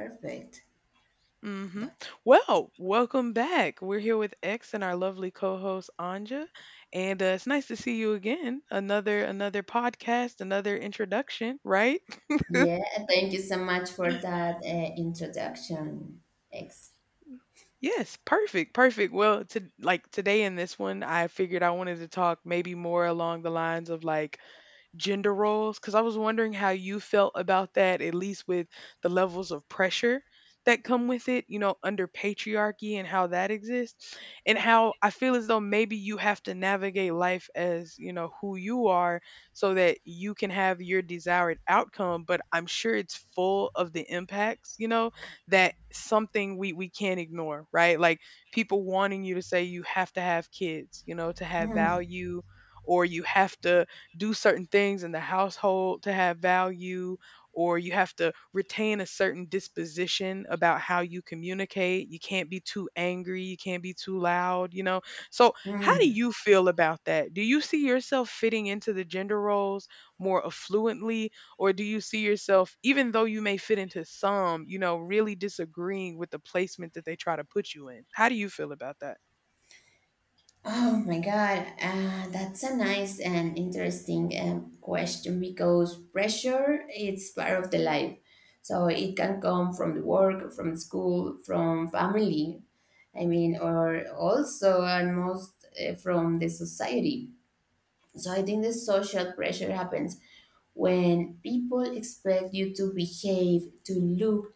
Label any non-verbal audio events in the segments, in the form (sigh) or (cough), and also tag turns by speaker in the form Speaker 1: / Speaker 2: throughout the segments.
Speaker 1: Perfect.
Speaker 2: Mm-hmm. Well, welcome back. We're here with X and our lovely co-host Anja, and it's nice to see you again. Another podcast, another introduction, right?
Speaker 1: Yeah, thank you so much for that introduction, X.
Speaker 2: Yes, perfect, perfect. Well, to like today in this one, I figured I wanted to talk maybe more along the lines of like gender roles because I was wondering how you felt about that, at least with the levels of pressure that come with it, you know, under patriarchy and how that exists, and how I feel as though maybe you have to navigate life as, you know, who you are so that you can have your desired outcome. But I'm sure it's full of the impacts, you know, that something we can't ignore, right? Like people wanting you to say you have to have kids, you know, to have
Speaker 1: Hmm,
Speaker 2: value or you have to do certain things in the household to have value, or you have to retain a certain disposition about how you communicate. You can't be too angry, you can't be too loud, you know. So, how do
Speaker 1: hmm.
Speaker 2: you feel about that? Do you see yourself fitting into the gender roles more affluently, or do you see yourself, even though you may fit into some, you know, really disagreeing with the placement that they try to put you in? How do you feel about that?
Speaker 1: Oh my God, that's a nice and interesting question, because pressure is part of the life. So it can come from the work, from school, from family, I mean, or also and most from the society. So I think the social pressure happens when people expect you to behave, to look,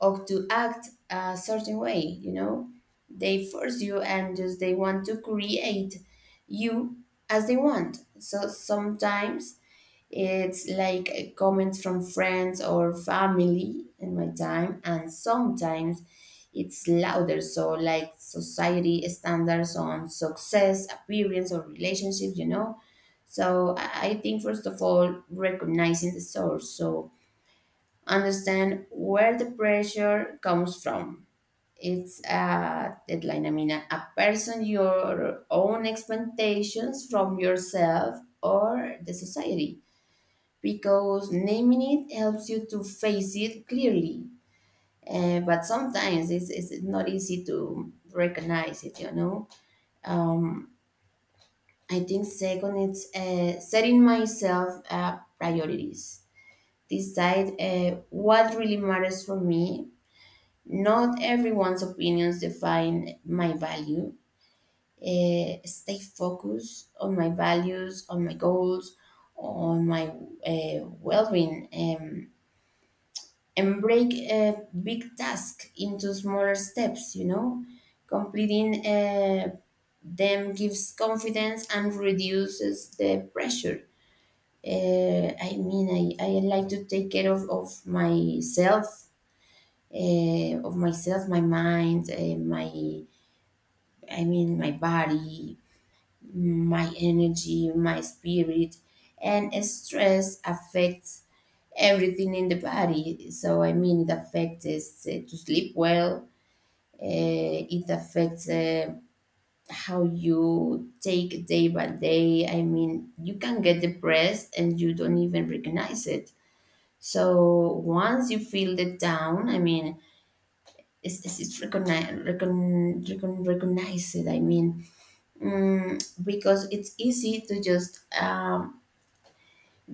Speaker 1: or to act a certain way, you know? They force you and just they want to create you as they want. So sometimes it's like comments from friends or family in my time, and sometimes it's louder. So, like society standards on success, appearance, or relationships, you know. So, I think first of all, recognizing the source. So, understand where the pressure comes from. It's a deadline. I mean, a person, your own expectations from yourself or the society, because naming it helps you to face it clearly. But sometimes it's not easy to recognize it, you know. Um, I think second, it's setting myself priorities. Decide what really matters for me. Not everyone's opinions define my value. Stay focused on my values, on my goals, on my well-being. And break a big task into smaller steps, you know, completing them gives confidence and reduces the pressure. I like to take care of myself, my mind, my I mean my body, my energy, my spirit. And stress affects everything in the body, so I mean it affects us to sleep well. It affects how you take day by day. I mean, you can get depressed and you don't even recognize it. So once you feel the down, I mean, it's recognize it. I mean, because it's easy to just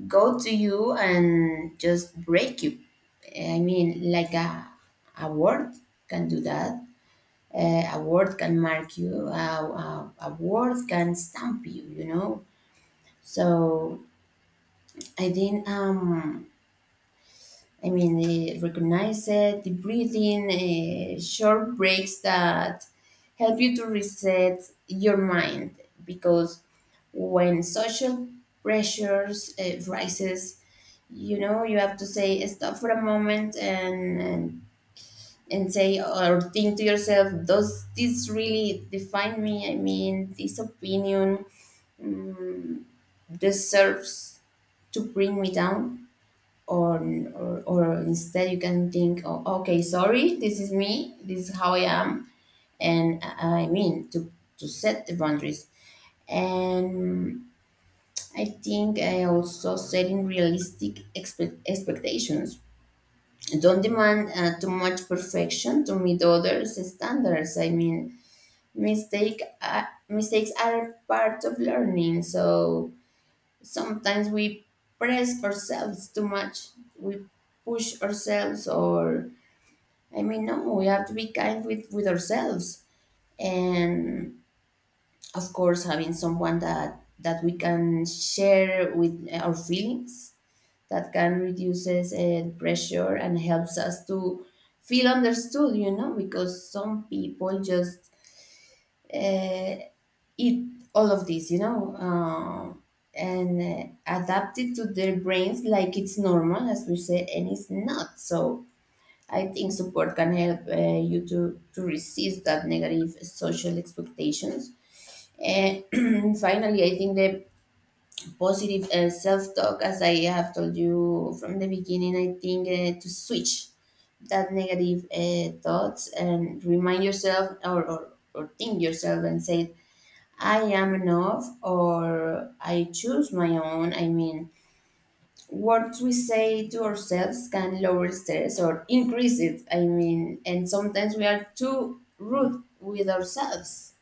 Speaker 1: go to you and just break you. I mean, like a word can do that. A word can mark you, a word can stamp you, you know. So I think, recognize it, the breathing, short breaks that help you to reset your mind. Because when social pressures rises, you know, you have to say stop for a moment, and say or think to yourself, does this really define me? I mean, this opinion, mm, deserves to bring me down. Or instead you can think, oh, okay, sorry, this is me, this is how I am. And i I mean to set the boundaries. And I think, I also setting realistic expectations. Don't demand too much perfection to meet others' standards. I mean, mistakes are part of learning, so sometimes we press ourselves too much, we push ourselves. Or I mean, no, we have to be kind with ourselves. And of course having someone that we can share with our feelings, that can reduces pressure and helps us to feel understood, you know, because some people just uh, eat all of this, and adapt it to their brains like it's normal, as we said, and it's not. So I think support can help you to resist that negative social expectations. And (clears throat) finally, I think the positive self talk, as I have told you from the beginning, I think to switch that negative thoughts and remind yourself, or think yourself and say, I am enough, or I choose my own. I mean, words we say to ourselves can lower stress or increase it. I mean, and sometimes we are too rude with ourselves.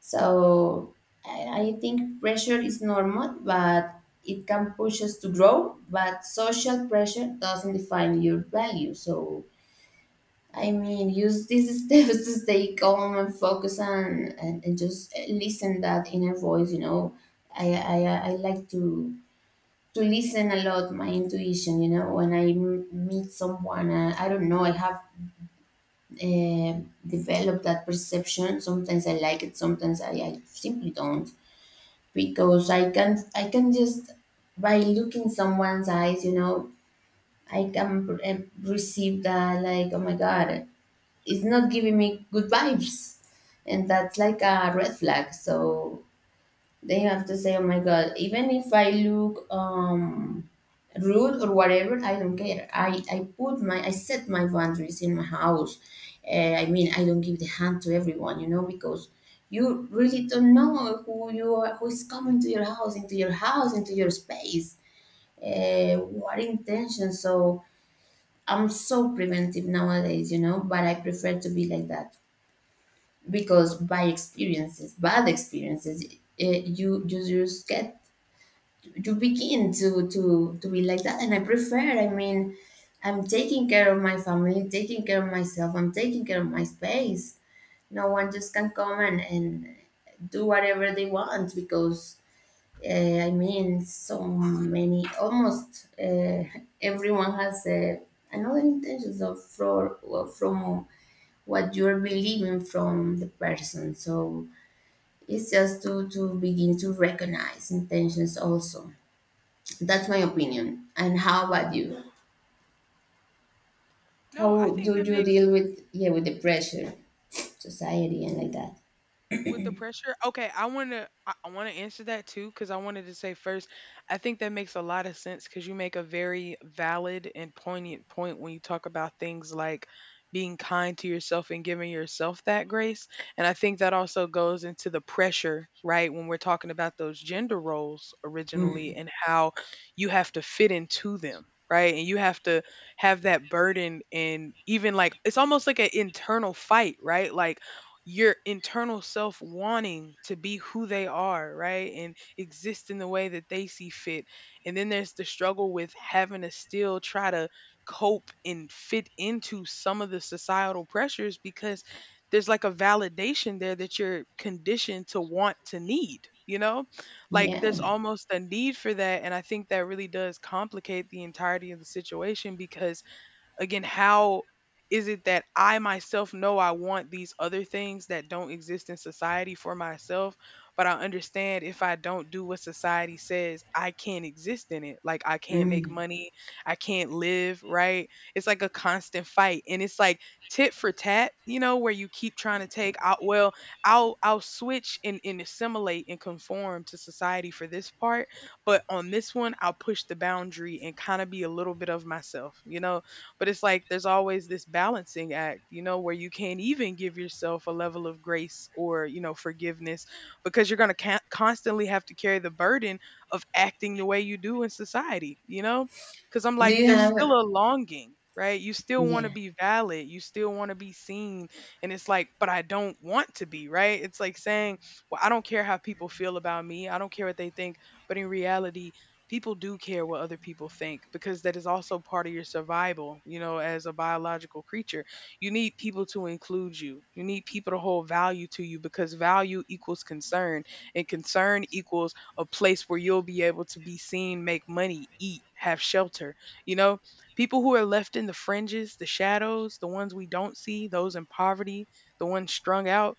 Speaker 1: So I think pressure is normal, but it can push us to grow. But social pressure doesn't define your value. So I mean, use these (laughs) steps to stay calm and focus and just listen that inner voice. You know, I I like to listen a lot my intuition. You know, when I meet someone, I don't know. I have uh, developed that perception. Sometimes I like it. Sometimes I simply don't, because I can just by looking someone's eyes. You know, I can receive that, like, oh my god, it's not giving me good vibes, and that's like a red flag. So they have to say, oh my god, even if I look rude or whatever, I don't care, I put my, I set my boundaries in my house. I mean I don't give the hand to everyone, you know, because you really don't know who you are, who is coming to your house, into your space, what intention. So I'm so preventive nowadays, you know, but I prefer to be like that, because by experiences, bad experiences, you, you just get, you begin to be like that, and I prefer. I mean, I'm taking care of my family, taking care of myself, I'm taking care of my space. No one just can come and do whatever they want because. I mean, so many, almost everyone has another intentions of for, from what you're believing from the person. So it's just to begin to recognize intentions also. That's my opinion. And how about you?
Speaker 2: No, I
Speaker 1: How
Speaker 2: think
Speaker 1: do
Speaker 2: that
Speaker 1: you
Speaker 2: makes.
Speaker 1: deal with, yeah, with the pressure, society, and like that?
Speaker 2: With the pressure? Okay, I want to I want to answer that too cuz I wanted to say first, I think that makes a lot of sense cuz you make a very valid and poignant point when you talk about things like being kind to yourself and giving yourself that grace. And I think that also goes into the pressure, right? When we're talking about those gender roles originally
Speaker 1: Mhm.
Speaker 2: and how you have to fit into them, right? And you have to have that burden and even like it's almost like an internal fight, right? Like your internal self wanting to be who they are, right? And exist in the way that they see fit. And then there's the struggle with having to still try to cope and fit into some of the societal pressures because there's like a validation there that you're conditioned to want to need, you know? Like
Speaker 1: Yeah.
Speaker 2: there's almost a need for that. And I think that really does complicate the entirety of the situation because. Again, how is it that I myself know I want these other things that don't exist in society for myself, but I understand if I don't do what society says, I can't exist in it. Like I can't make
Speaker 1: Mhm.
Speaker 2: money, I can't live, right? It's like a constant fight and it's like tit for tat, you know, where you keep trying to take out well, I'll switch and assimilate and conform to society for this part, but on this one I'll push the boundary and kind of be a little bit of myself, you know? But it's like there's always this balancing act, you know, where you can't even give yourself a level of grace or, you know, forgiveness because you're going to constantly have to carry the burden of acting the way you do in society, you know? Because I'm
Speaker 1: Do
Speaker 2: like,
Speaker 1: you
Speaker 2: there's still
Speaker 1: have,
Speaker 2: a longing. Right. You still want to
Speaker 1: yeah.
Speaker 2: be valid. You still want to be seen. And it's like, but I don't want to be. Right. It's like saying, well, I don't care how people feel about me. I don't care what they think. But in reality, people do care what other people think because that is also part of your survival, you know, as a biological creature. You need people to include you, you need people to hold value to you because value equals concern, and concern equals a place where you'll be able to be seen, make money, eat, have shelter. You know, people who are left in the fringes, the shadows, the ones we don't see, those in poverty, the ones strung out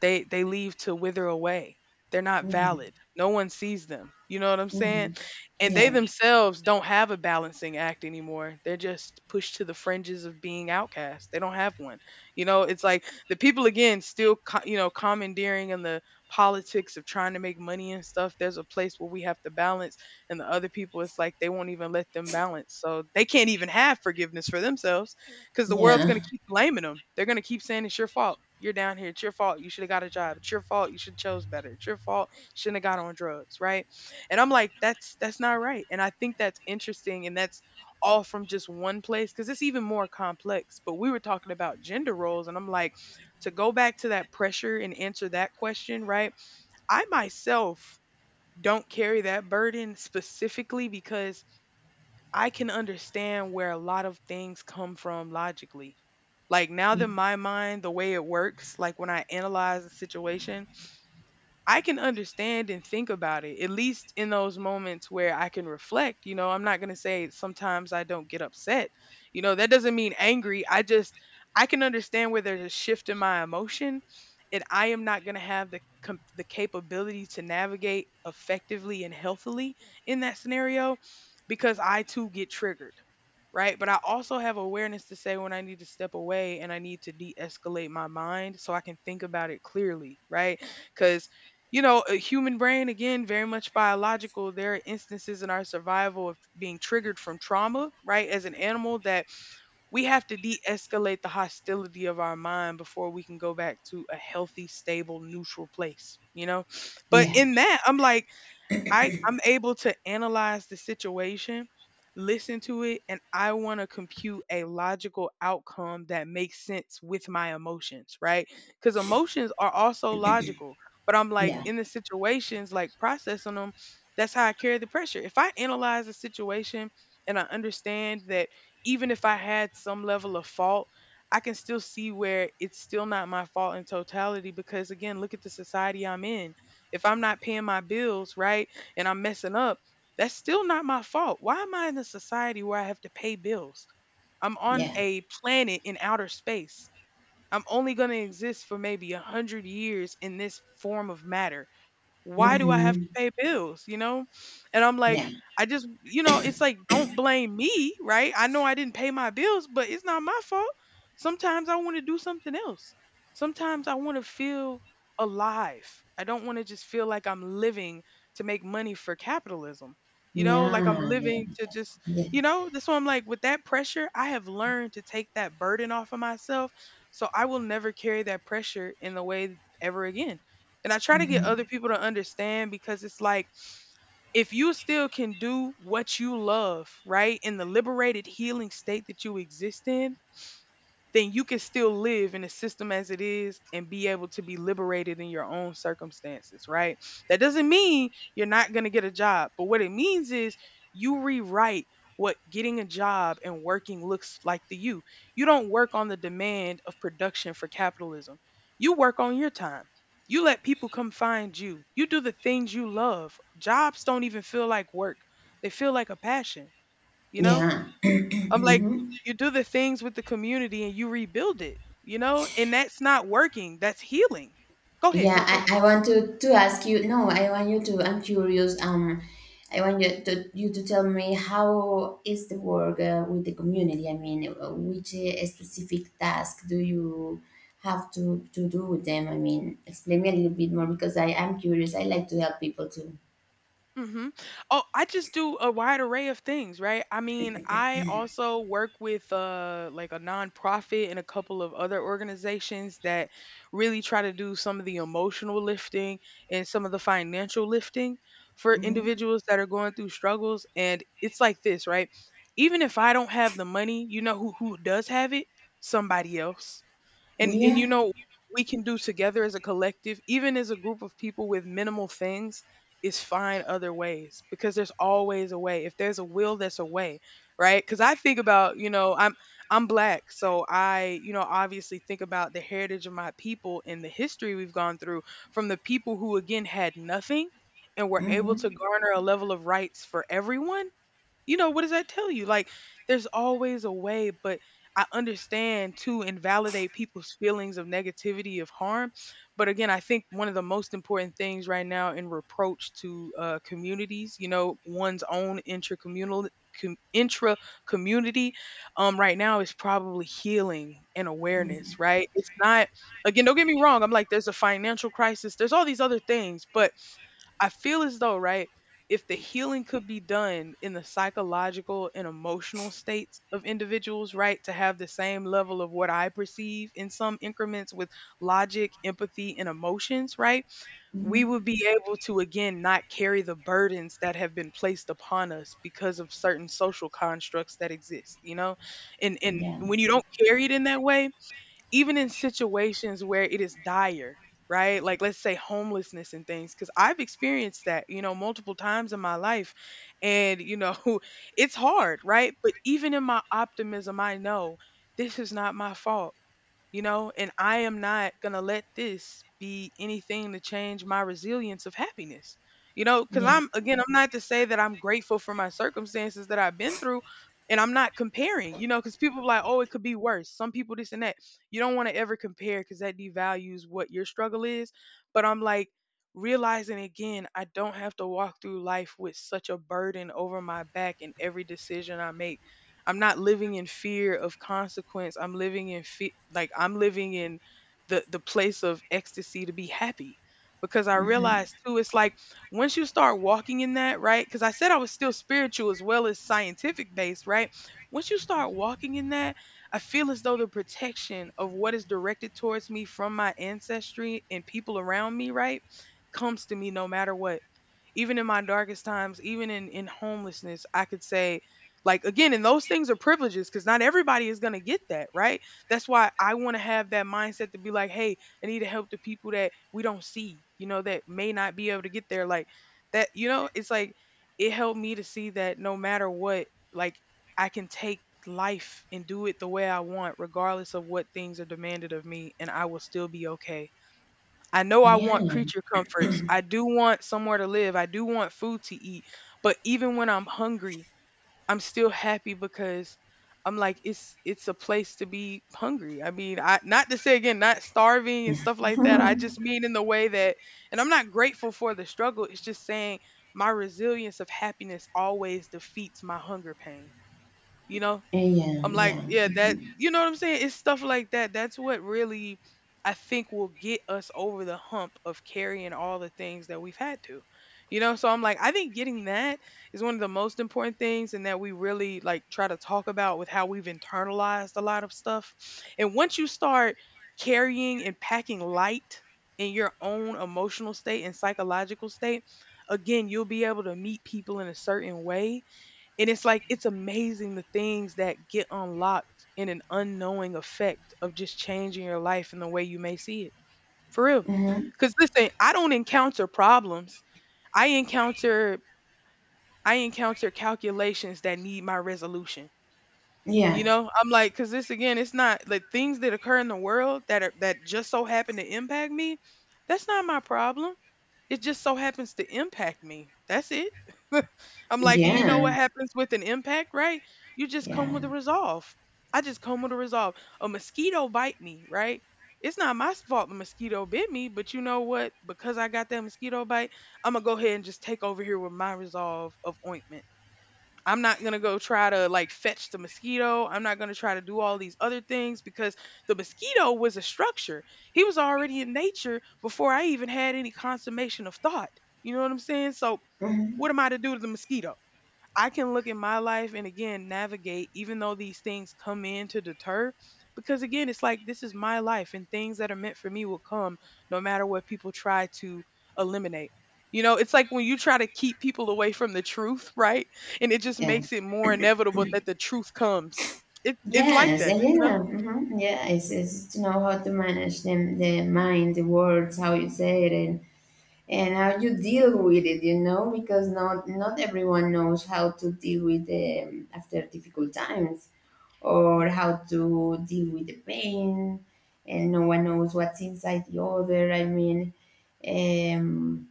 Speaker 2: they leave to wither away. They're not
Speaker 1: Mhm.
Speaker 2: valid. No one sees them. You know what I'm saying?
Speaker 1: Mhm.
Speaker 2: And they
Speaker 1: Yeah.
Speaker 2: themselves don't have a balancing act anymore. They're just pushed to the fringes of being outcast. They don't have one. You know, it's like the people again still you know commandeering in the politics of trying to make money and stuff. There's a place where we have to balance and the other people it's like they won't even let them balance. So they can't even have forgiveness for themselves because the world's going
Speaker 1: Yeah.
Speaker 2: to keep blaming them. They're going to keep saying it's your fault. You're down here. It's your fault. You should have got a job. It's your fault. You should have chose better. It's your fault. Shouldn't have got on drugs, right? And I'm like, that's not right. And I think that's interesting. And that's all from just one place because it's even more complex. But we were talking about gender roles, and I'm like, to go back to that pressure and answer that question, right? I myself don't carry that burden specifically because I can understand where a lot of things come from logically. Like now that
Speaker 1: Mm.
Speaker 2: my mind, the way it works, like when I analyze a situation, I can understand and think about it, at least in those moments where I can reflect. You know, I'm not going to say sometimes I don't get upset. You know, that doesn't mean angry. I just, I can understand where there's a shift in my emotion and I am not going to have the, the capability to navigate effectively and healthily in that scenario because I too get triggered right? But I also have awareness to say when I need to step away and I need to de escalate my mind so I can think about it clearly, right? Because you know, a human brain, again, very much biological. There are instances in our survival of being triggered from trauma, right? As an animal, that we have to de escalate the hostility of our mind before we can go back to a healthy, stable, neutral place, you know? But
Speaker 1: Yeah.
Speaker 2: in that, I'm like, I'm able to analyze the situation, listen to it, and I want to compute a logical outcome that makes sense with my emotions, right? Because emotions are also logical. But I'm like
Speaker 1: Yeah.
Speaker 2: in the situations, like processing them, that's how I carry the pressure. If I analyze the situation and I understand that even if I had some level of fault, I can still see where it's still not my fault in totality because again, look at the society I'm in. If I'm not paying my bills, right? And I'm messing up, that's still not my fault. Why am I in a society where I have to pay bills? I'm on
Speaker 1: Yeah.
Speaker 2: a planet in outer space. I'm only going to exist for maybe a hundred years in this form of matter. Why do I have to
Speaker 1: Mhm.
Speaker 2: pay bills, you know? And I'm like,
Speaker 1: Yeah.
Speaker 2: I just, you know, it's like, don't blame me, right? I know I didn't pay my bills, but it's not my fault. Sometimes I want to do something else. Sometimes I want to feel alive. I don't want to just feel like I'm living to make money for capitalism, you know, like I'm
Speaker 1: Yeah. Yeah.
Speaker 2: living to just,
Speaker 1: Yeah.
Speaker 2: you know, that's why I'm like, with that pressure, I have learned to take that burden off of myself. So I will never carry that pressure in the way ever again. And I try to get other
Speaker 1: Mhm.
Speaker 2: people to understand because it's like if you still can do what you love, right, in the liberated healing state that you exist in, then you can still live in the system as it is and be able to be liberated in your own circumstances, right? That doesn't mean you're not going to get a job, but what it means is you rewrite what getting a job and working looks like to you. You don't work on the demand of production for capitalism. You work on your time. You let people come find you. You do the things you love. Jobs don't even feel like work. They feel like a passion, you know?
Speaker 1: Yeah.
Speaker 2: I'm like,
Speaker 1: (clears throat)
Speaker 2: you do the things with the community and you rebuild it, you know? And that's not working. That's healing. Go ahead.
Speaker 1: Yeah,
Speaker 2: No, go ahead.
Speaker 1: I want to ask you. No, I want you to. I'm curious. I want you to tell me, how is the work with the community? I mean, which specific task do you have to do with them? I mean, explain me a little bit more because I am curious. I like to help people too.
Speaker 2: Mhm. Oh, I just do a wide array of things, right? I mean, I also work with like a nonprofit and a couple of other organizations that really try to do some of the emotional lifting and some of the financial lifting for
Speaker 1: Mhm.
Speaker 2: individuals that are going through struggles and it's like this, right? Even if I don't have the money, you know who does have it? Somebody else and you
Speaker 1: Yeah.
Speaker 2: know we can do together as a collective even as a group of people with minimal things is find other ways because there's always a way. If there's a will there's a way, right? Because I think about, you know, I'm black, so I, you know, obviously think about the heritage of my people and the history we've gone through from the people who again had nothing and were able to
Speaker 1: Mm-hmm.
Speaker 2: garner a level of rights for everyone. You know, what does that tell you? Like, there's always a way, but I understand to invalidate people's feelings of negativity, of harm. But again, I think one of the most important things right now in reproach to communities, you know, one's own intracommunal intra community, right now is probably healing and awareness. Right? It's not. Again, don't get me wrong. I'm like, there's a financial crisis. There's all these other things, but I feel as though, right? If the healing could be done in the psychological and emotional states of individuals, right, to have the same level of what I perceive in some increments with logic, empathy, and emotions, right, we
Speaker 1: Mm-hmm.
Speaker 2: would be able to, again, not carry the burdens that have been placed upon us because of certain social constructs that exist, you know? And
Speaker 1: Yeah.
Speaker 2: when you don't carry it in that way, even in situations where it is dire, right? Like let's say homelessness and things, because I've experienced that, you know, multiple times in my life. And, you know, (laughs) it's hard, right? But even in my optimism, I know this is not my fault, you know, and I am not going to let this be anything to change my resilience of happiness. You know, cuz
Speaker 1: Yeah.
Speaker 2: I'm again, I'm not to say that I'm grateful for my circumstances that I've been through, and I'm not comparing, you know, cuz people are like, "Oh, it could be worse." Some people this and that. You don't want to ever compare cuz that devalues what your struggle is, but I'm like realizing again, I don't have to walk through life with such a burden over my back in every decision I make. I'm not living in fear of consequence. I'm living in like I'm living in the place of ecstasy to be happy because I realized too it's like once you start walking in that, right? Cuz I said I was still spiritual as well as scientific based, right? Once you start walking in that, I feel as though the protection of what is directed towards me from my ancestry and people around me, right, comes to me no matter what, even in my darkest times, even in homelessness, I could say. Like again, and those things are privileges because not everybody is gonna get that, right? That's why I want to have that mindset to be like, hey, I need to help the people that we don't see, you know, that may not be able to get there. Like that, you know, it's like it helped me to see that no matter what, like I can take life and do it the way I want, regardless of what things are demanded of me, and I will still be okay. I know I want
Speaker 1: Yeah.
Speaker 2: creature comforts. I do want somewhere to live. I do want food to eat. But even when I'm hungry, I'm still happy because I'm like it's a place to be hungry. I mean, I not to say again not starving and stuff like that. I just mean in the way that, and I'm not grateful for the struggle. It's just saying my resilience of happiness always defeats my hunger pain. You know?
Speaker 1: Yeah.
Speaker 2: I'm like,
Speaker 1: Yeah.
Speaker 2: yeah, that. What I'm saying? It's stuff like that. That's what really I think will get us over the hump of carrying all the things that we've had to, you know? So I'm like, I think getting that is one of the most important things and that we really like try to talk about with how we've internalized a lot of stuff. And once you start carrying and packing light in your own emotional state and psychological state, again, you'll be able to meet people in a certain way, and it's like it's amazing the things that get unlocked in an unknowing effect of just changing your life and the way you may see it. For real.
Speaker 1: Mm-hmm.
Speaker 2: Cuz listen, I don't encounter problems. I encounter— I encounter calculations that need my resolution. You
Speaker 1: Yeah.
Speaker 2: know, I'm like, because this again, it's not like things that occur in the world that are that just so happen to impact me. That's not my problem. It just so happens to impact me. That's it. (laughs) I'm like, and you know
Speaker 1: Yeah.
Speaker 2: what happens with an impact, right? You just
Speaker 1: Yeah.
Speaker 2: come with a resolve. I just come with a resolve. A mosquito bite me, right? It's not my fault the mosquito bit me, but you know what? Because I got that mosquito bite, I'm gonna go ahead and just take over here with my resolve of ointment. I'm not going to go try to like fetch the mosquito. I'm not going to try to do all these other things because the mosquito was a structure. He was already in nature before I even had any consummation of thought. You know what I'm saying? So, what
Speaker 1: Mm-hmm.
Speaker 2: am I to do to the mosquito? I can look at my life and again navigate, even though these things come in to deter. Because again, it's like this is my life, and things that are meant for me will come no matter what people try to eliminate. You know, it's like when you try to keep people away from the truth, right? And it just
Speaker 1: Yeah.
Speaker 2: makes it more inevitable that the truth comes. It's like
Speaker 1: Yes, yeah,
Speaker 2: that, you know?
Speaker 1: yeah, mhm, yeah. It's to know how to manage them, the mind, the words, how you say it, and how you deal with it. You know, because not not everyone knows how to deal with, after difficult times, or
Speaker 2: Hmm.
Speaker 1: how to deal with the pain, and no one knows what's inside the other. I mean, um,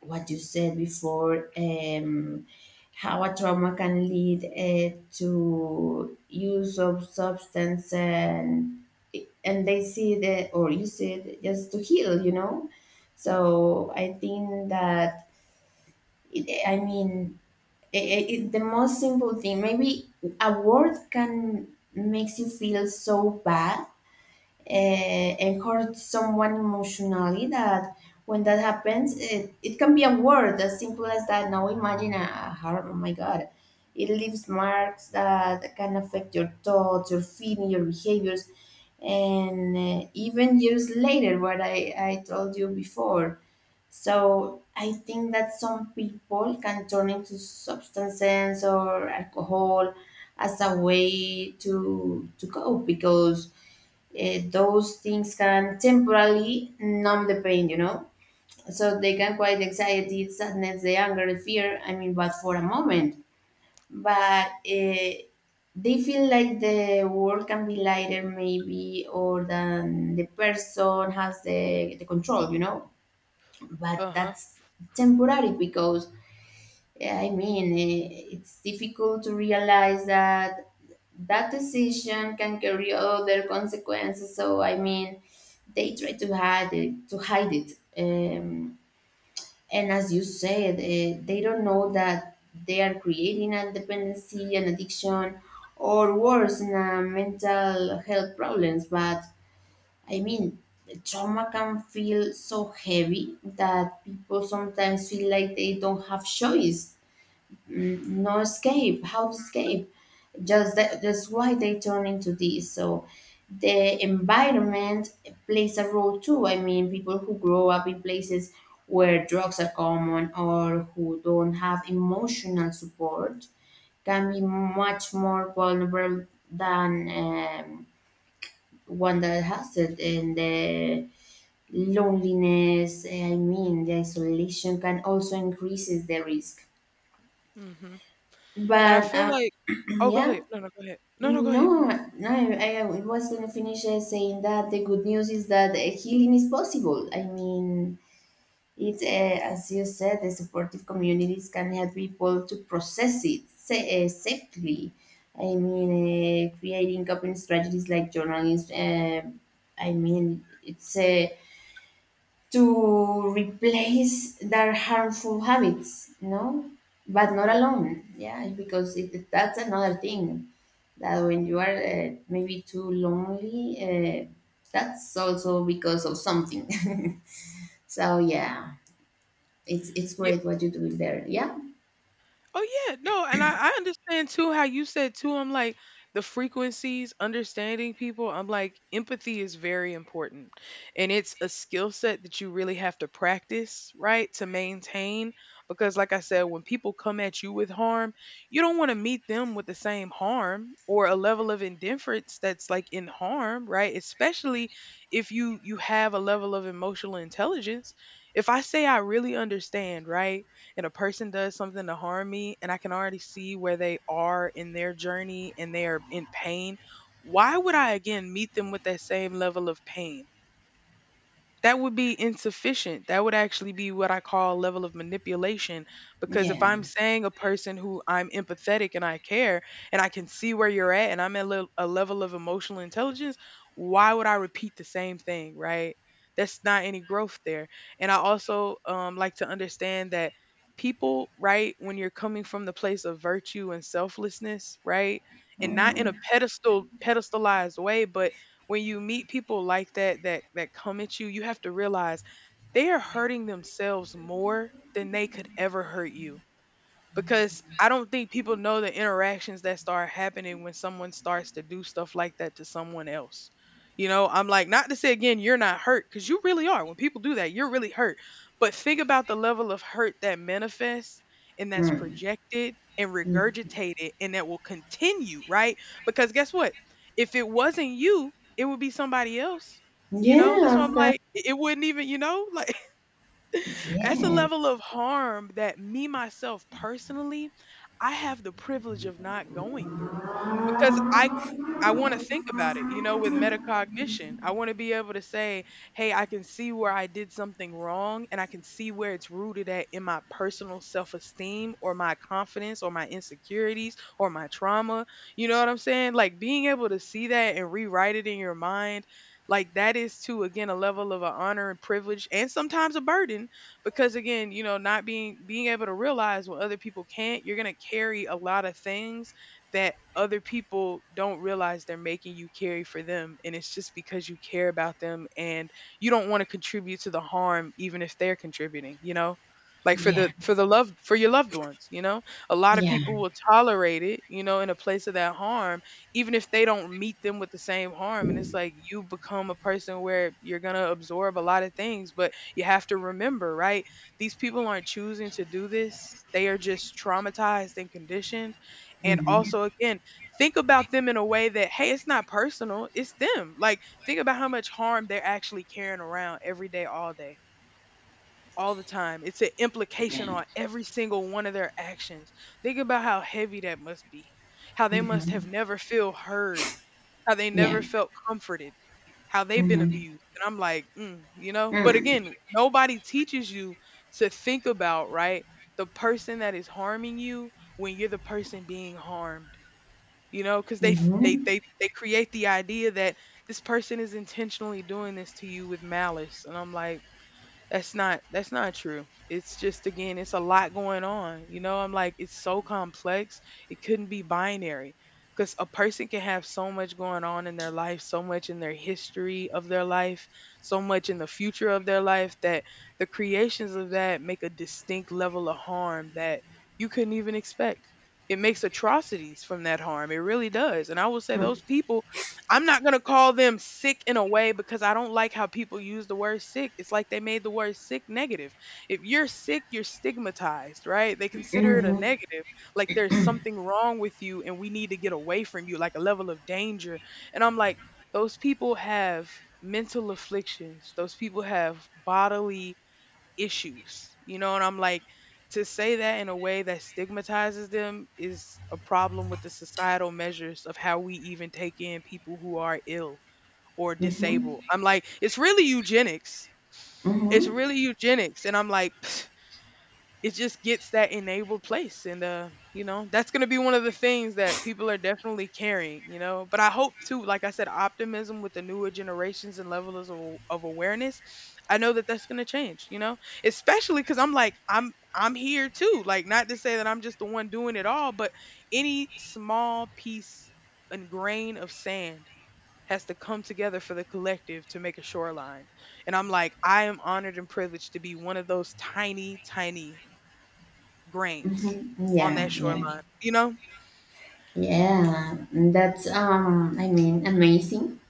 Speaker 1: what you said before, how a trauma can lead to use of substance, and they see that or use it just to heal, you know. So I think that it, I mean I- it, the most simple thing, maybe a word, can makes you feel so bad, and hurt someone emotionally. That when that happens, it can be a word as simple as that. Now imagine a heart, oh my god, it leaves marks that can affect your thoughts, your feeling, your behaviors, and even years later, what I told you before. So I think that some people can turn into substances or alcohol as a way to cope, because those things can temporarily numb the pain, you know? So they can quiet the anxiety, sadness, the anger, the fear, I mean, but for a moment. But they feel like the world can be lighter, maybe, or than the person has the control, you know? But
Speaker 2: Uh huh.
Speaker 1: that's temporary, because yeah, I mean, it's difficult to realize that that decision can carry other consequences. So, I mean, they try to hide it, to hide it. Um, and as you said, they don't know that they are creating a dependency, an addiction, or worse, in a mental health problems. But I mean, trauma can feel so heavy that people sometimes feel like they don't have choice. Mm, no escape. How to
Speaker 2: Hmm.
Speaker 1: escape? Just that, that's why they turn into this. So the environment plays a role too. I mean, people who grow up in places where drugs are common, or who don't have emotional support, can be much more vulnerable than one that has it. And the loneliness, I mean, the isolation, can also increases the risk.
Speaker 2: Hmm. And I
Speaker 1: But
Speaker 2: feel like,
Speaker 1: (clears throat)
Speaker 2: oh, go
Speaker 1: Yeah,
Speaker 2: ahead. No, no, go ahead. No, no, go ahead.
Speaker 1: no,
Speaker 2: Mm.
Speaker 1: no, I was gonna finish saying that the good news is that healing is possible. I mean, it, as you said, the supportive communities can help people to process it safely. I mean, creating coping strategies like journalists. I mean, it's to replace their harmful habits, no? But not
Speaker 2: Yeah.
Speaker 1: alone, yeah, because it, that's another thing, that when you are maybe too lonely, that's also because of something. (laughs) So
Speaker 2: Hmm.
Speaker 1: yeah, it's great what you do there. Yeah,
Speaker 2: Oh yeah, no, and I understand too how you said too. I'm like the frequencies, understanding people. I'm like empathy is very important, and it's a skill set that you really have to practice, right, to maintain. Because like I said, when people come at you with harm, you don't want to meet them with the same harm or a level of indifference that's like in harm, right? Especially if you have a level of emotional intelligence. If I say I really understand, right? And a person does something to harm me and I can already see where they are in their journey and they are in pain, why would I again meet them with that same level of pain? That would be insufficient. That would actually be what I call a level of manipulation. Because
Speaker 1: yeah.
Speaker 2: if I'm saying a person who I'm empathetic and I care, and I can see where you're at and I'm at a level of emotional intelligence, why would I repeat the same thing, right? That's not any growth there. And I also like to understand that people, right, when you're coming from the place of virtue and selflessness, right, and not in a
Speaker 1: Mhm.
Speaker 2: pedestal pedestalized way, but when you meet people like that that come at you, you have to realize they are hurting themselves more than they could ever hurt you because I don't think people know the interactions that start happening when someone starts to do stuff like that to someone else. You know, I'm like, not to say again, you're not hurt because you really are. When people do that, you're really hurt. But think about the level of hurt that manifests and that's
Speaker 1: Mm.
Speaker 2: projected and
Speaker 1: Mm.
Speaker 2: regurgitated and that will continue, right? Because guess what? If it wasn't you, it would be somebody else. You know, that's
Speaker 1: Yeah,
Speaker 2: why I'm
Speaker 1: of course.
Speaker 2: like, it wouldn't even, you know, like that's a level
Speaker 1: Yes.
Speaker 2: of harm that me, myself, personally, I have the privilege of not going through because I want to think about it, you know, with metacognition. I want to be able to say, hey, I can see where I did something wrong and I can see where it's rooted at in my personal self esteem or my confidence or my insecurities or my trauma. You know what I'm saying? Like being able to see that and rewrite it in your mind, like that is, to, again, a level of an honor and privilege and sometimes a burden because, again, you know, not being able to realize when other people can't, you're going to carry a lot of things that other people don't realize they're making you carry for them, and it's just because you care about them, and you don't want to contribute to the harm even if they're contributing, you know, like for
Speaker 1: Yeah.
Speaker 2: the for the love for your loved ones, you know, a lot of
Speaker 1: Yeah.
Speaker 2: people will tolerate it, you know, in a place of that harm, even if they don't meet them with the same harm. And it's like you become a person where you're going to absorb a lot of things, but you have to remember, right, these people aren't choosing to do this, they are just traumatized and conditioned. And
Speaker 1: Mm-hmm.
Speaker 2: also, again, think about them in a way that, hey, it's not personal, it's them. Like, think about how much harm they're actually carrying around every day, all the time. It's an
Speaker 1: Yeah.
Speaker 2: implication on every single one of their actions. Think about how heavy that must be, how they must
Speaker 1: Mm-hmm.
Speaker 2: have never feel heard, how they
Speaker 1: Yeah.
Speaker 2: never felt comforted, how they've been
Speaker 1: Mm-hmm.
Speaker 2: abused. And I'm like, mm, you know, but again,
Speaker 1: Mm-hmm.
Speaker 2: nobody teaches you to think about, right? The person that is harming you when you're the person being harmed, you know, because they f- they
Speaker 1: Mm-hmm.
Speaker 2: they they create the idea that this person is intentionally doing this to you with malice. And I'm like, that's not true. It's just, again, it's a lot going on. You know, I'm like, it's so complex. It couldn't be binary because a person can have so much going on in their life, so much in their history of their life, so much in the future of their life that the creations of that make a distinct level of harm that you couldn't even expect. It makes atrocities from that harm. It really does. And I will say those people, I'm not gonna call them sick in a way, because I don't like how people use the word sick. It's like they made the word sick negative. If you're sick, you're stigmatized, right? They consider it a
Speaker 1: Mhm.
Speaker 2: negative, like there's something wrong with you and we need to get away from you, like a level of danger. And I'm like, those people have mental afflictions, those people have bodily issues, you know? And I'm like, to say that in a way that stigmatizes them is a problem with the societal measures of how we even take in people who are ill or
Speaker 1: Mhm.
Speaker 2: disabled. I'm like, it's really eugenics. It's
Speaker 1: Mhm.
Speaker 2: really eugenics. And I'm like, (laughs) (sighs) it just gets that enabled place, and you know, that's going to be one of the things that people are definitely carrying, you know. But I hope too, like I said, optimism with the newer generations and levels of awareness. I know that that's going to change, you know, especially because I'm like, I'm here too, like, not to say that I'm just the one doing it all, but any small piece and grain of sand has to come together for the collective to make a shoreline. And I'm like, I am honored and privileged to be one of those tiny tiny grains
Speaker 1: Mhm.
Speaker 2: on
Speaker 1: Yeah,
Speaker 2: that
Speaker 1: yeah,
Speaker 2: shoreline, you know?
Speaker 1: yeah. That's I mean, amazing.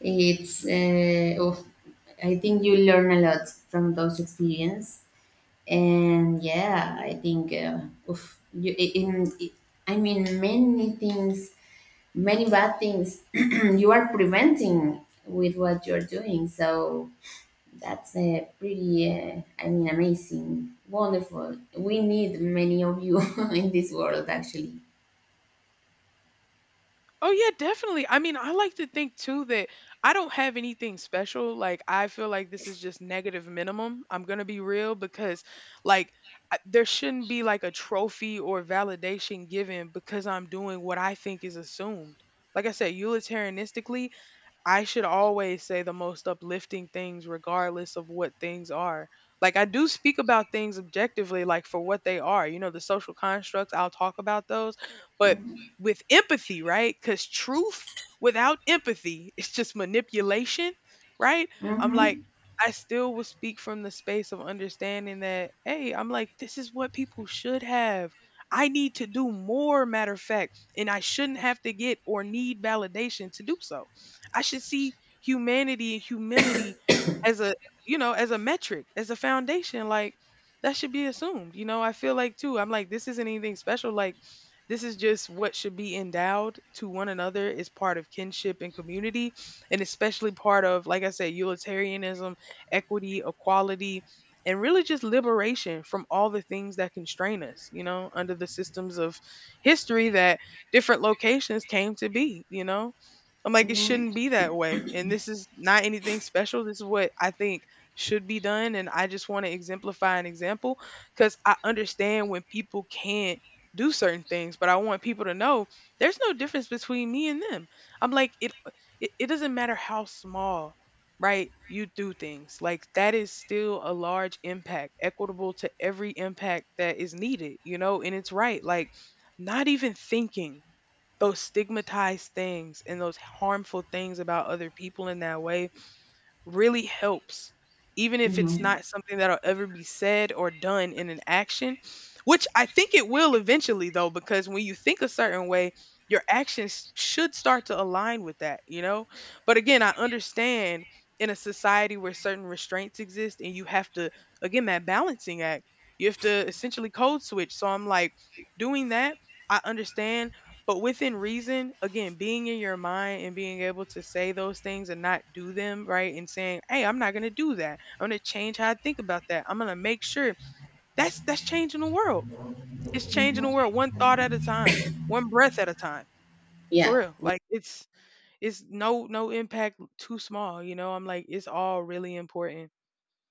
Speaker 1: It's of, I think you learn a lot from those experience, and yeah, I think of you i- in, I mean, many things, many bad things (clears throat) you are preventing with what you're doing. So that's a pretty, I mean, amazing, wonderful. We need many of you (laughs) in this world, actually.
Speaker 2: Oh, yeah, definitely. I mean, I like to think too that I don't have anything special. Like, I feel like this is just negative minimum. I'm going to be real because, like, I, there shouldn't be like a trophy or validation given because I'm doing what I think is assumed. Like I said, utilitarianistically, I should always say the most uplifting things regardless of what things are. Like I do speak about things objectively, like, for what they are, you know, the social constructs, I'll talk about those, but
Speaker 1: Mm-hmm.
Speaker 2: with empathy, right? Cuz truth without empathy is just manipulation, right? I'm like,
Speaker 1: Mm-hmm.
Speaker 2: I still will speak from the space of understanding that, hey, I'm like, this is what people should have. I need to do more matter of fact, and I shouldn't have to get or need validation to do so. I should see humanity and humility as a, you know, as a metric, as a foundation. Like that should be assumed. You know, I feel like too, I'm like, this isn't anything special. Like this is just what should be endowed to one another is part of kinship and community, and especially part of, like I said, utilitarianism, equity, equality. And really just liberation from all the things that constrain us, you know, under the systems of history that different locations came to be, you know? I'm like, it
Speaker 1: Mm-hmm.
Speaker 2: shouldn't be that way. And this is not anything special. This is what I think should be done. And I just want to exemplify an example because I understand when people can't do certain things, but I want people to know there's no difference between me and them. I'm like, it doesn't matter how small, right? You do things like that is still a large impact, equitable to every impact that is needed, you know, and it's right. Like, not even thinking those stigmatized things and those harmful things about other people in that way really helps. Even if it's
Speaker 1: Hmm.
Speaker 2: not something that'll ever be said or done in an action, which I think it will eventually, though, because when you think a certain way, your actions should start to align with that, you know? But again, I understand in a society where certain restraints exist and you have to, again, that balancing act, you have to essentially code switch. So I'm like, doing that, I understand, but within reason, again, being in your mind and being able to say those things and not do them, right? And saying, "Hey, I'm not going to do that. I'm going to change how I think about that. I'm going to make sure." That's changing the world. It's changing the world one thought at a time, one breath at a time. For
Speaker 1: Yeah.
Speaker 2: real. Like, it's no impact too small, you know? I'm like, it's all really important.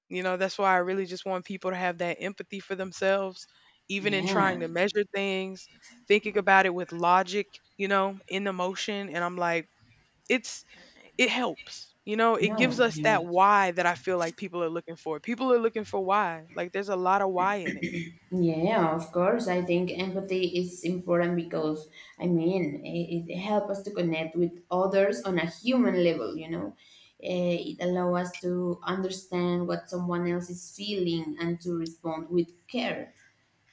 Speaker 2: You know, that's why I really just want people to have that empathy for themselves, even in trying
Speaker 1: Yeah.
Speaker 2: to measure things, thinking about it with logic, you know, in emotion. And I'm like, it's, it helps, you know, it
Speaker 1: No,
Speaker 2: gives us that
Speaker 1: no.
Speaker 2: why that I feel like people are looking for. People are looking for why. Like, there's a lot of why in it.
Speaker 1: Yeah, of course. I think empathy is important because, I mean, it helps us to connect with others on a human level, you know. It allows us to understand what someone else is feeling, and to respond with care.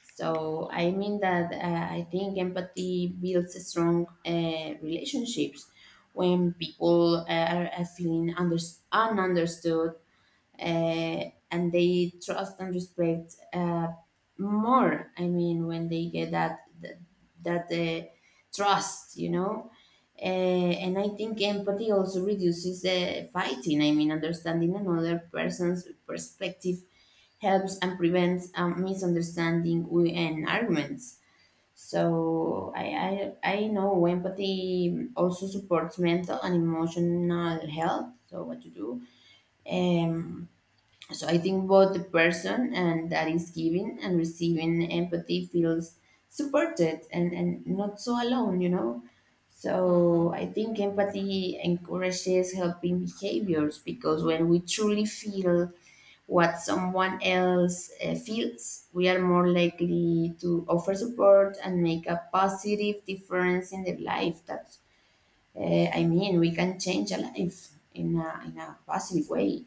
Speaker 1: So I mean that, I think empathy builds strong relationships. When people are feeling ununderstood, and they trust and respect more. I mean, when they get that that trust, you know. Uh, and I think empathy also reduces fighting. I mean, understanding another person's perspective helps and prevents misunderstanding and arguments. So I know empathy also supports mental and emotional health. So what to do? Um, so I think both the person and that is giving and receiving empathy feels supported and not so alone, you know.
Speaker 2: Mm-hmm.
Speaker 1: So I think empathy encourages helping behaviors, because when we truly feel what someone else feels, we are more likely to offer support and make a positive difference in their life. That's, I mean we can change a life in a in a positive way.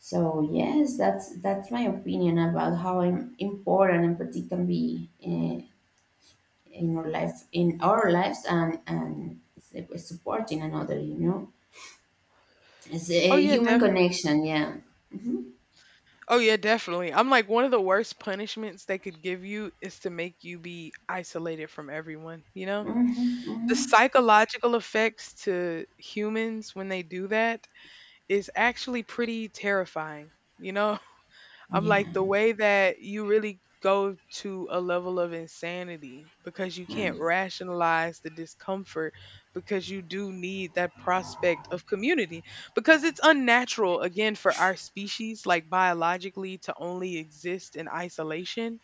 Speaker 1: So yes, that's my opinion about how important empathy can be in our life, in our lives, and supporting another. You know, it's
Speaker 2: Oh
Speaker 1: a
Speaker 2: yeah,
Speaker 1: human
Speaker 2: def.
Speaker 1: connection. Yeah. Mm-hmm.
Speaker 2: Oh yeah, definitely. I'm like, one of the worst punishments they could give you is to make you be isolated from everyone, you know?
Speaker 1: Mm-hmm.
Speaker 2: The
Speaker 1: Hmm.
Speaker 2: psychological effects to humans when they do that is actually pretty terrifying. You know, (laughs) I'm
Speaker 1: Yeah.
Speaker 2: like, the way that you really go to a level of insanity because you can't rationalize the discomfort, because you do need that prospect of community, because it's unnatural, again, for our species, like, biologically, to only exist in isolation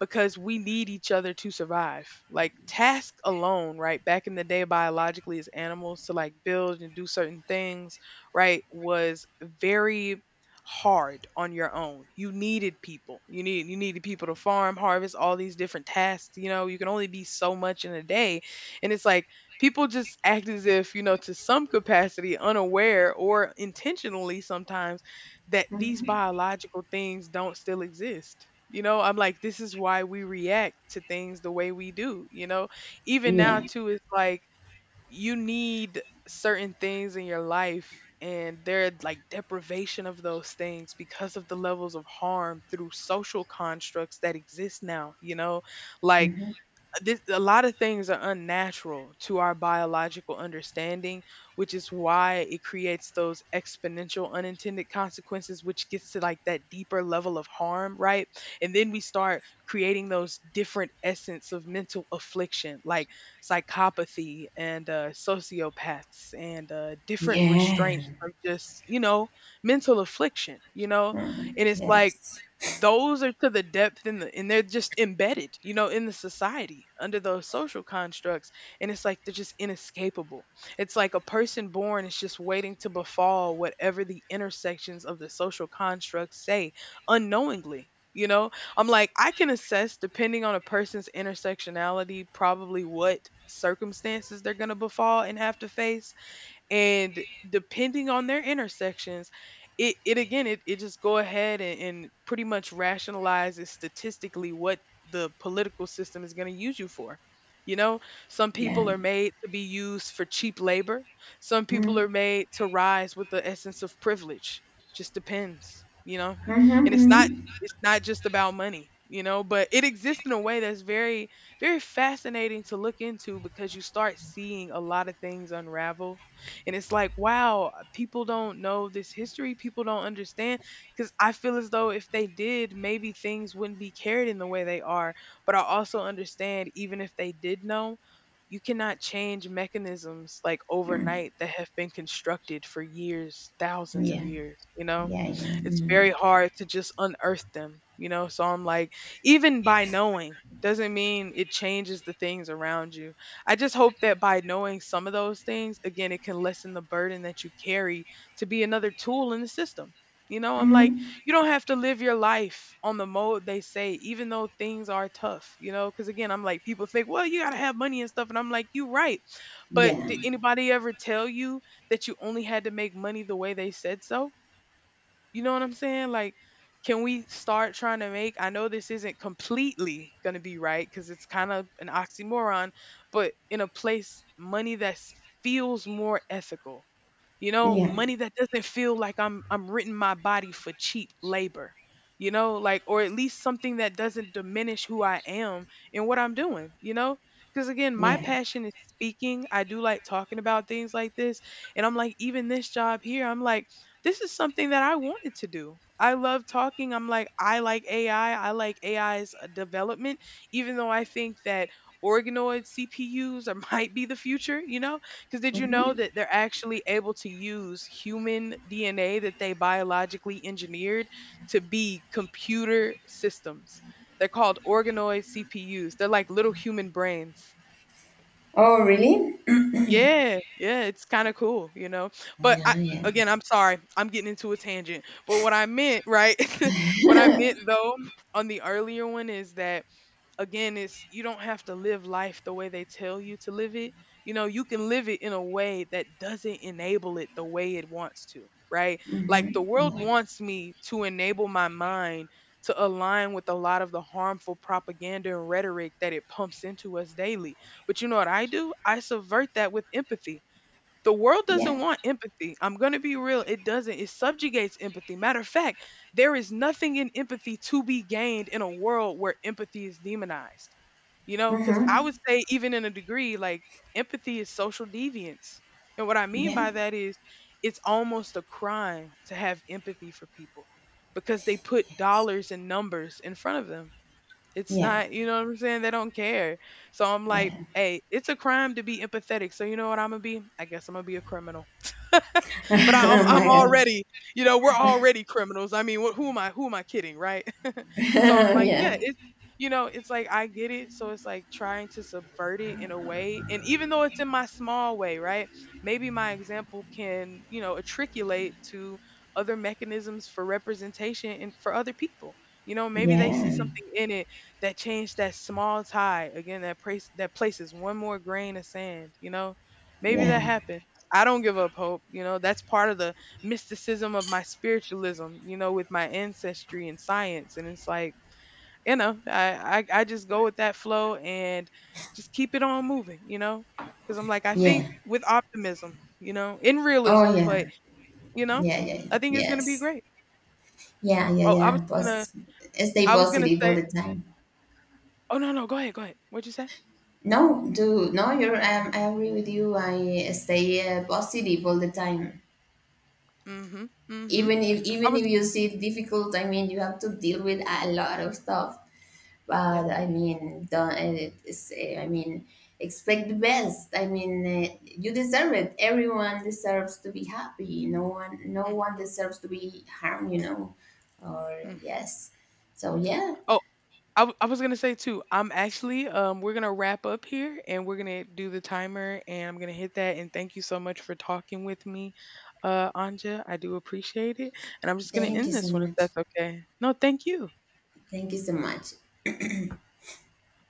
Speaker 2: because we need each other to survive. Like, task alone, right? Back in the day, biologically, as animals, to like build and do certain things, right, was very hard on your own. You needed people. You needed people to farm, harvest, all these different tasks, you know, you can only be so much in a day. And it's like people just act as if, you know, to some capacity unaware or intentionally sometimes, that these
Speaker 1: Mm-hmm.
Speaker 2: biological things don't still exist. You know, I'm like, this is why we react to things the way we do. You know, even now,
Speaker 1: Yeah.
Speaker 2: too, it's like you need certain things in your life, and they're like deprivation of those things because of the levels of harm through social constructs that exist now. You know, like,
Speaker 1: Mm-hmm.
Speaker 2: this, a lot of things are unnatural to our biological understanding, which is why it creates those exponential unintended consequences, which gets to like that deeper level of harm, right? And then we start creating those different essence of mental affliction, like psychopathy, and sociopaths, and different restraints
Speaker 1: Yeah.
Speaker 2: of just, you know, mental affliction, you know.
Speaker 1: Mm-hmm.
Speaker 2: And it's like
Speaker 1: Yes.
Speaker 2: those are to the depth in the, and they're just embedded, you know, in the society under those social constructs. And it's like they're just inescapable. It's like a person born is just waiting to befall whatever the intersections of the social constructs say, unknowingly, you know. I'm like, I can assess depending on a person's intersectionality probably what circumstances they're going to befall and have to face. And depending on their intersections, it again, it just go ahead and pretty much rationalizes statistically what the political system is going to use you for, you know. Some
Speaker 1: Yeah.
Speaker 2: people are made to be used for cheap labor. Some people
Speaker 1: Mm-hmm.
Speaker 2: are made to rise with the essence of privilege. Just depends, you know.
Speaker 1: Mm-hmm.
Speaker 2: And it's not
Speaker 1: Mm-hmm.
Speaker 2: it's not just about money, you know, but it exists in a way that's very very fascinating to look into because you start seeing a lot of things unravel. And it's like, wow, people don't know this history. People don't understand. Because I feel as though if they did, maybe things wouldn't be carried in the way they are. But I also understand, even if they did know, you cannot change mechanisms like
Speaker 1: Mm-hmm.
Speaker 2: overnight that have been constructed for years, thousands of
Speaker 1: Yeah.
Speaker 2: years, you know?
Speaker 1: Yeah. Yeah.
Speaker 2: It's
Speaker 1: Mm-hmm.
Speaker 2: very hard to just unearth them, you know? So I'm like, even by knowing doesn't mean it changes the things around you. I just hope that by knowing some of those things, again, it can lessen the burden that you carry to be another tool in the system. You know, I'm like,
Speaker 1: Mm-hmm.
Speaker 2: you don't have to live your life on the mode they say, even though things are tough, you know? Because again, I'm like, people think, well, you got to have money and stuff. And I'm like, you right. But
Speaker 1: Yeah.
Speaker 2: did anybody ever tell you that you only had to make money the way they said so? You know what I'm saying? Like, can we start trying to make? I know this isn't completely going to be right because it's kind of an oxymoron, but in a place, money that feels more ethical, you know,
Speaker 1: Yeah.
Speaker 2: money that doesn't feel like I'm renting my body for cheap labor, you know, like, or at least something that doesn't diminish who I am and what I'm doing, you know, because again my
Speaker 1: Yeah.
Speaker 2: passion is speaking. I do like talking about things like this, and I'm like, even this job here, I'm like, this is something that I wanted to do. I love talking. I'm like, I like AI. I like AI's development, even though I think that organoid CPUs are, (laughs) might be the future, you know? Because did you know
Speaker 1: Mm-hmm.
Speaker 2: that they're actually able to use human DNA that they biologically engineered to be computer systems? They're called organoid CPUs. They're like little human brains.
Speaker 1: Oh, really?
Speaker 2: Yeah, yeah, it's kind of cool, you know. But I,
Speaker 1: Yeah, yeah.
Speaker 2: again, I'm sorry, I'm getting into a tangent. But what I meant, right? (laughs) what I meant though on the earlier one is that, again, it's you don't have to live life the way they tell you to live it, you know. You can live it in a way that doesn't enable it the way it wants to, right? Like, the
Speaker 1: Mm-hmm.
Speaker 2: world
Speaker 1: Yeah.
Speaker 2: wants me to enable my mind to align with a lot of the harmful propaganda and rhetoric that it pumps into us daily, but you know what I do? I subvert that with empathy. The world doesn't
Speaker 1: Yeah.
Speaker 2: want empathy. I'm going to be real. It doesn't. It subjugates empathy. Matter of fact, there is nothing in empathy to be gained in a world where empathy is demonized. You know, because I would
Speaker 1: Mm-hmm.
Speaker 2: say, even in a degree, like, empathy is social deviance. And what I mean
Speaker 1: Yeah.
Speaker 2: by that is it's almost a crime to have empathy for people because they put
Speaker 1: Yes.
Speaker 2: dollars and numbers in front of them. It's
Speaker 1: Yeah.
Speaker 2: not, you know what I'm saying? They don't care. So I'm like,
Speaker 1: Yeah.
Speaker 2: hey, it's a crime to be empathetic. So you know what I'm gonna be? I guess I'm gonna be a criminal.
Speaker 1: (laughs)
Speaker 2: But I, I'm
Speaker 1: Oh
Speaker 2: I'm
Speaker 1: my god.
Speaker 2: already, you know, we're already criminals. I mean, who am I? Who am I kidding, right? So I'm
Speaker 1: (laughs)
Speaker 2: like, yeah,
Speaker 1: Yeah.
Speaker 2: it's, you know, it's like I get it. So it's like trying to subvert it in a way. And even though it's in my small way, right? Maybe my example can, you know, attriculate to other mechanisms for representation and for other people. You know, maybe they see
Speaker 1: Yeah.
Speaker 2: something in it that changed that small tide. Again, that place that places one more grain of sand, you know? Maybe
Speaker 1: Yeah.
Speaker 2: that happens. I don't give up hope. You know, that's part of the mysticism of my spiritualism, you know, with my ancestry and science. And it's like, you know, I just go with that flow and just keep it on moving, you know, because I'm like, I
Speaker 1: Yeah.
Speaker 2: think with optimism, you know, in
Speaker 1: Oh
Speaker 2: realism, but,
Speaker 1: yeah.
Speaker 2: you know,
Speaker 1: Yeah, yeah, yeah.
Speaker 2: I think it's going to be
Speaker 1: Yes.
Speaker 2: great.
Speaker 1: Yeah, yeah,
Speaker 2: Oh, I
Speaker 1: yeah.
Speaker 2: was going to,
Speaker 1: Stay
Speaker 2: I was going to
Speaker 1: positive all
Speaker 2: say,
Speaker 1: the time.
Speaker 2: oh, no, no, go ahead, go ahead. What'd you say?
Speaker 1: No, do no. You're. I agree with you. I stay positive all the time.
Speaker 2: Mm hmm. Mm hmm. I
Speaker 1: Even
Speaker 2: was,
Speaker 1: if you see it difficult, I mean, you have to deal with a lot of stuff.
Speaker 2: yeah.
Speaker 1: But I mean, don't. It is, I mean, expect the best. I mean, you deserve it. Everyone deserves to be happy. No one, no one
Speaker 2: Mm-hmm.
Speaker 1: deserves to be harmed. You know, or
Speaker 2: Mm-hmm.
Speaker 1: yes. So yeah,
Speaker 2: Oh, I was gonna say too. I'm actually we're gonna wrap up here and we're gonna do the timer and I'm gonna hit that, and thank you so much for talking with me, Anja. I do appreciate it, and I'm just gonna
Speaker 1: thank you
Speaker 2: end
Speaker 1: so
Speaker 2: this one if
Speaker 1: much.
Speaker 2: that's okay. No, thank you.
Speaker 1: Thank you so much.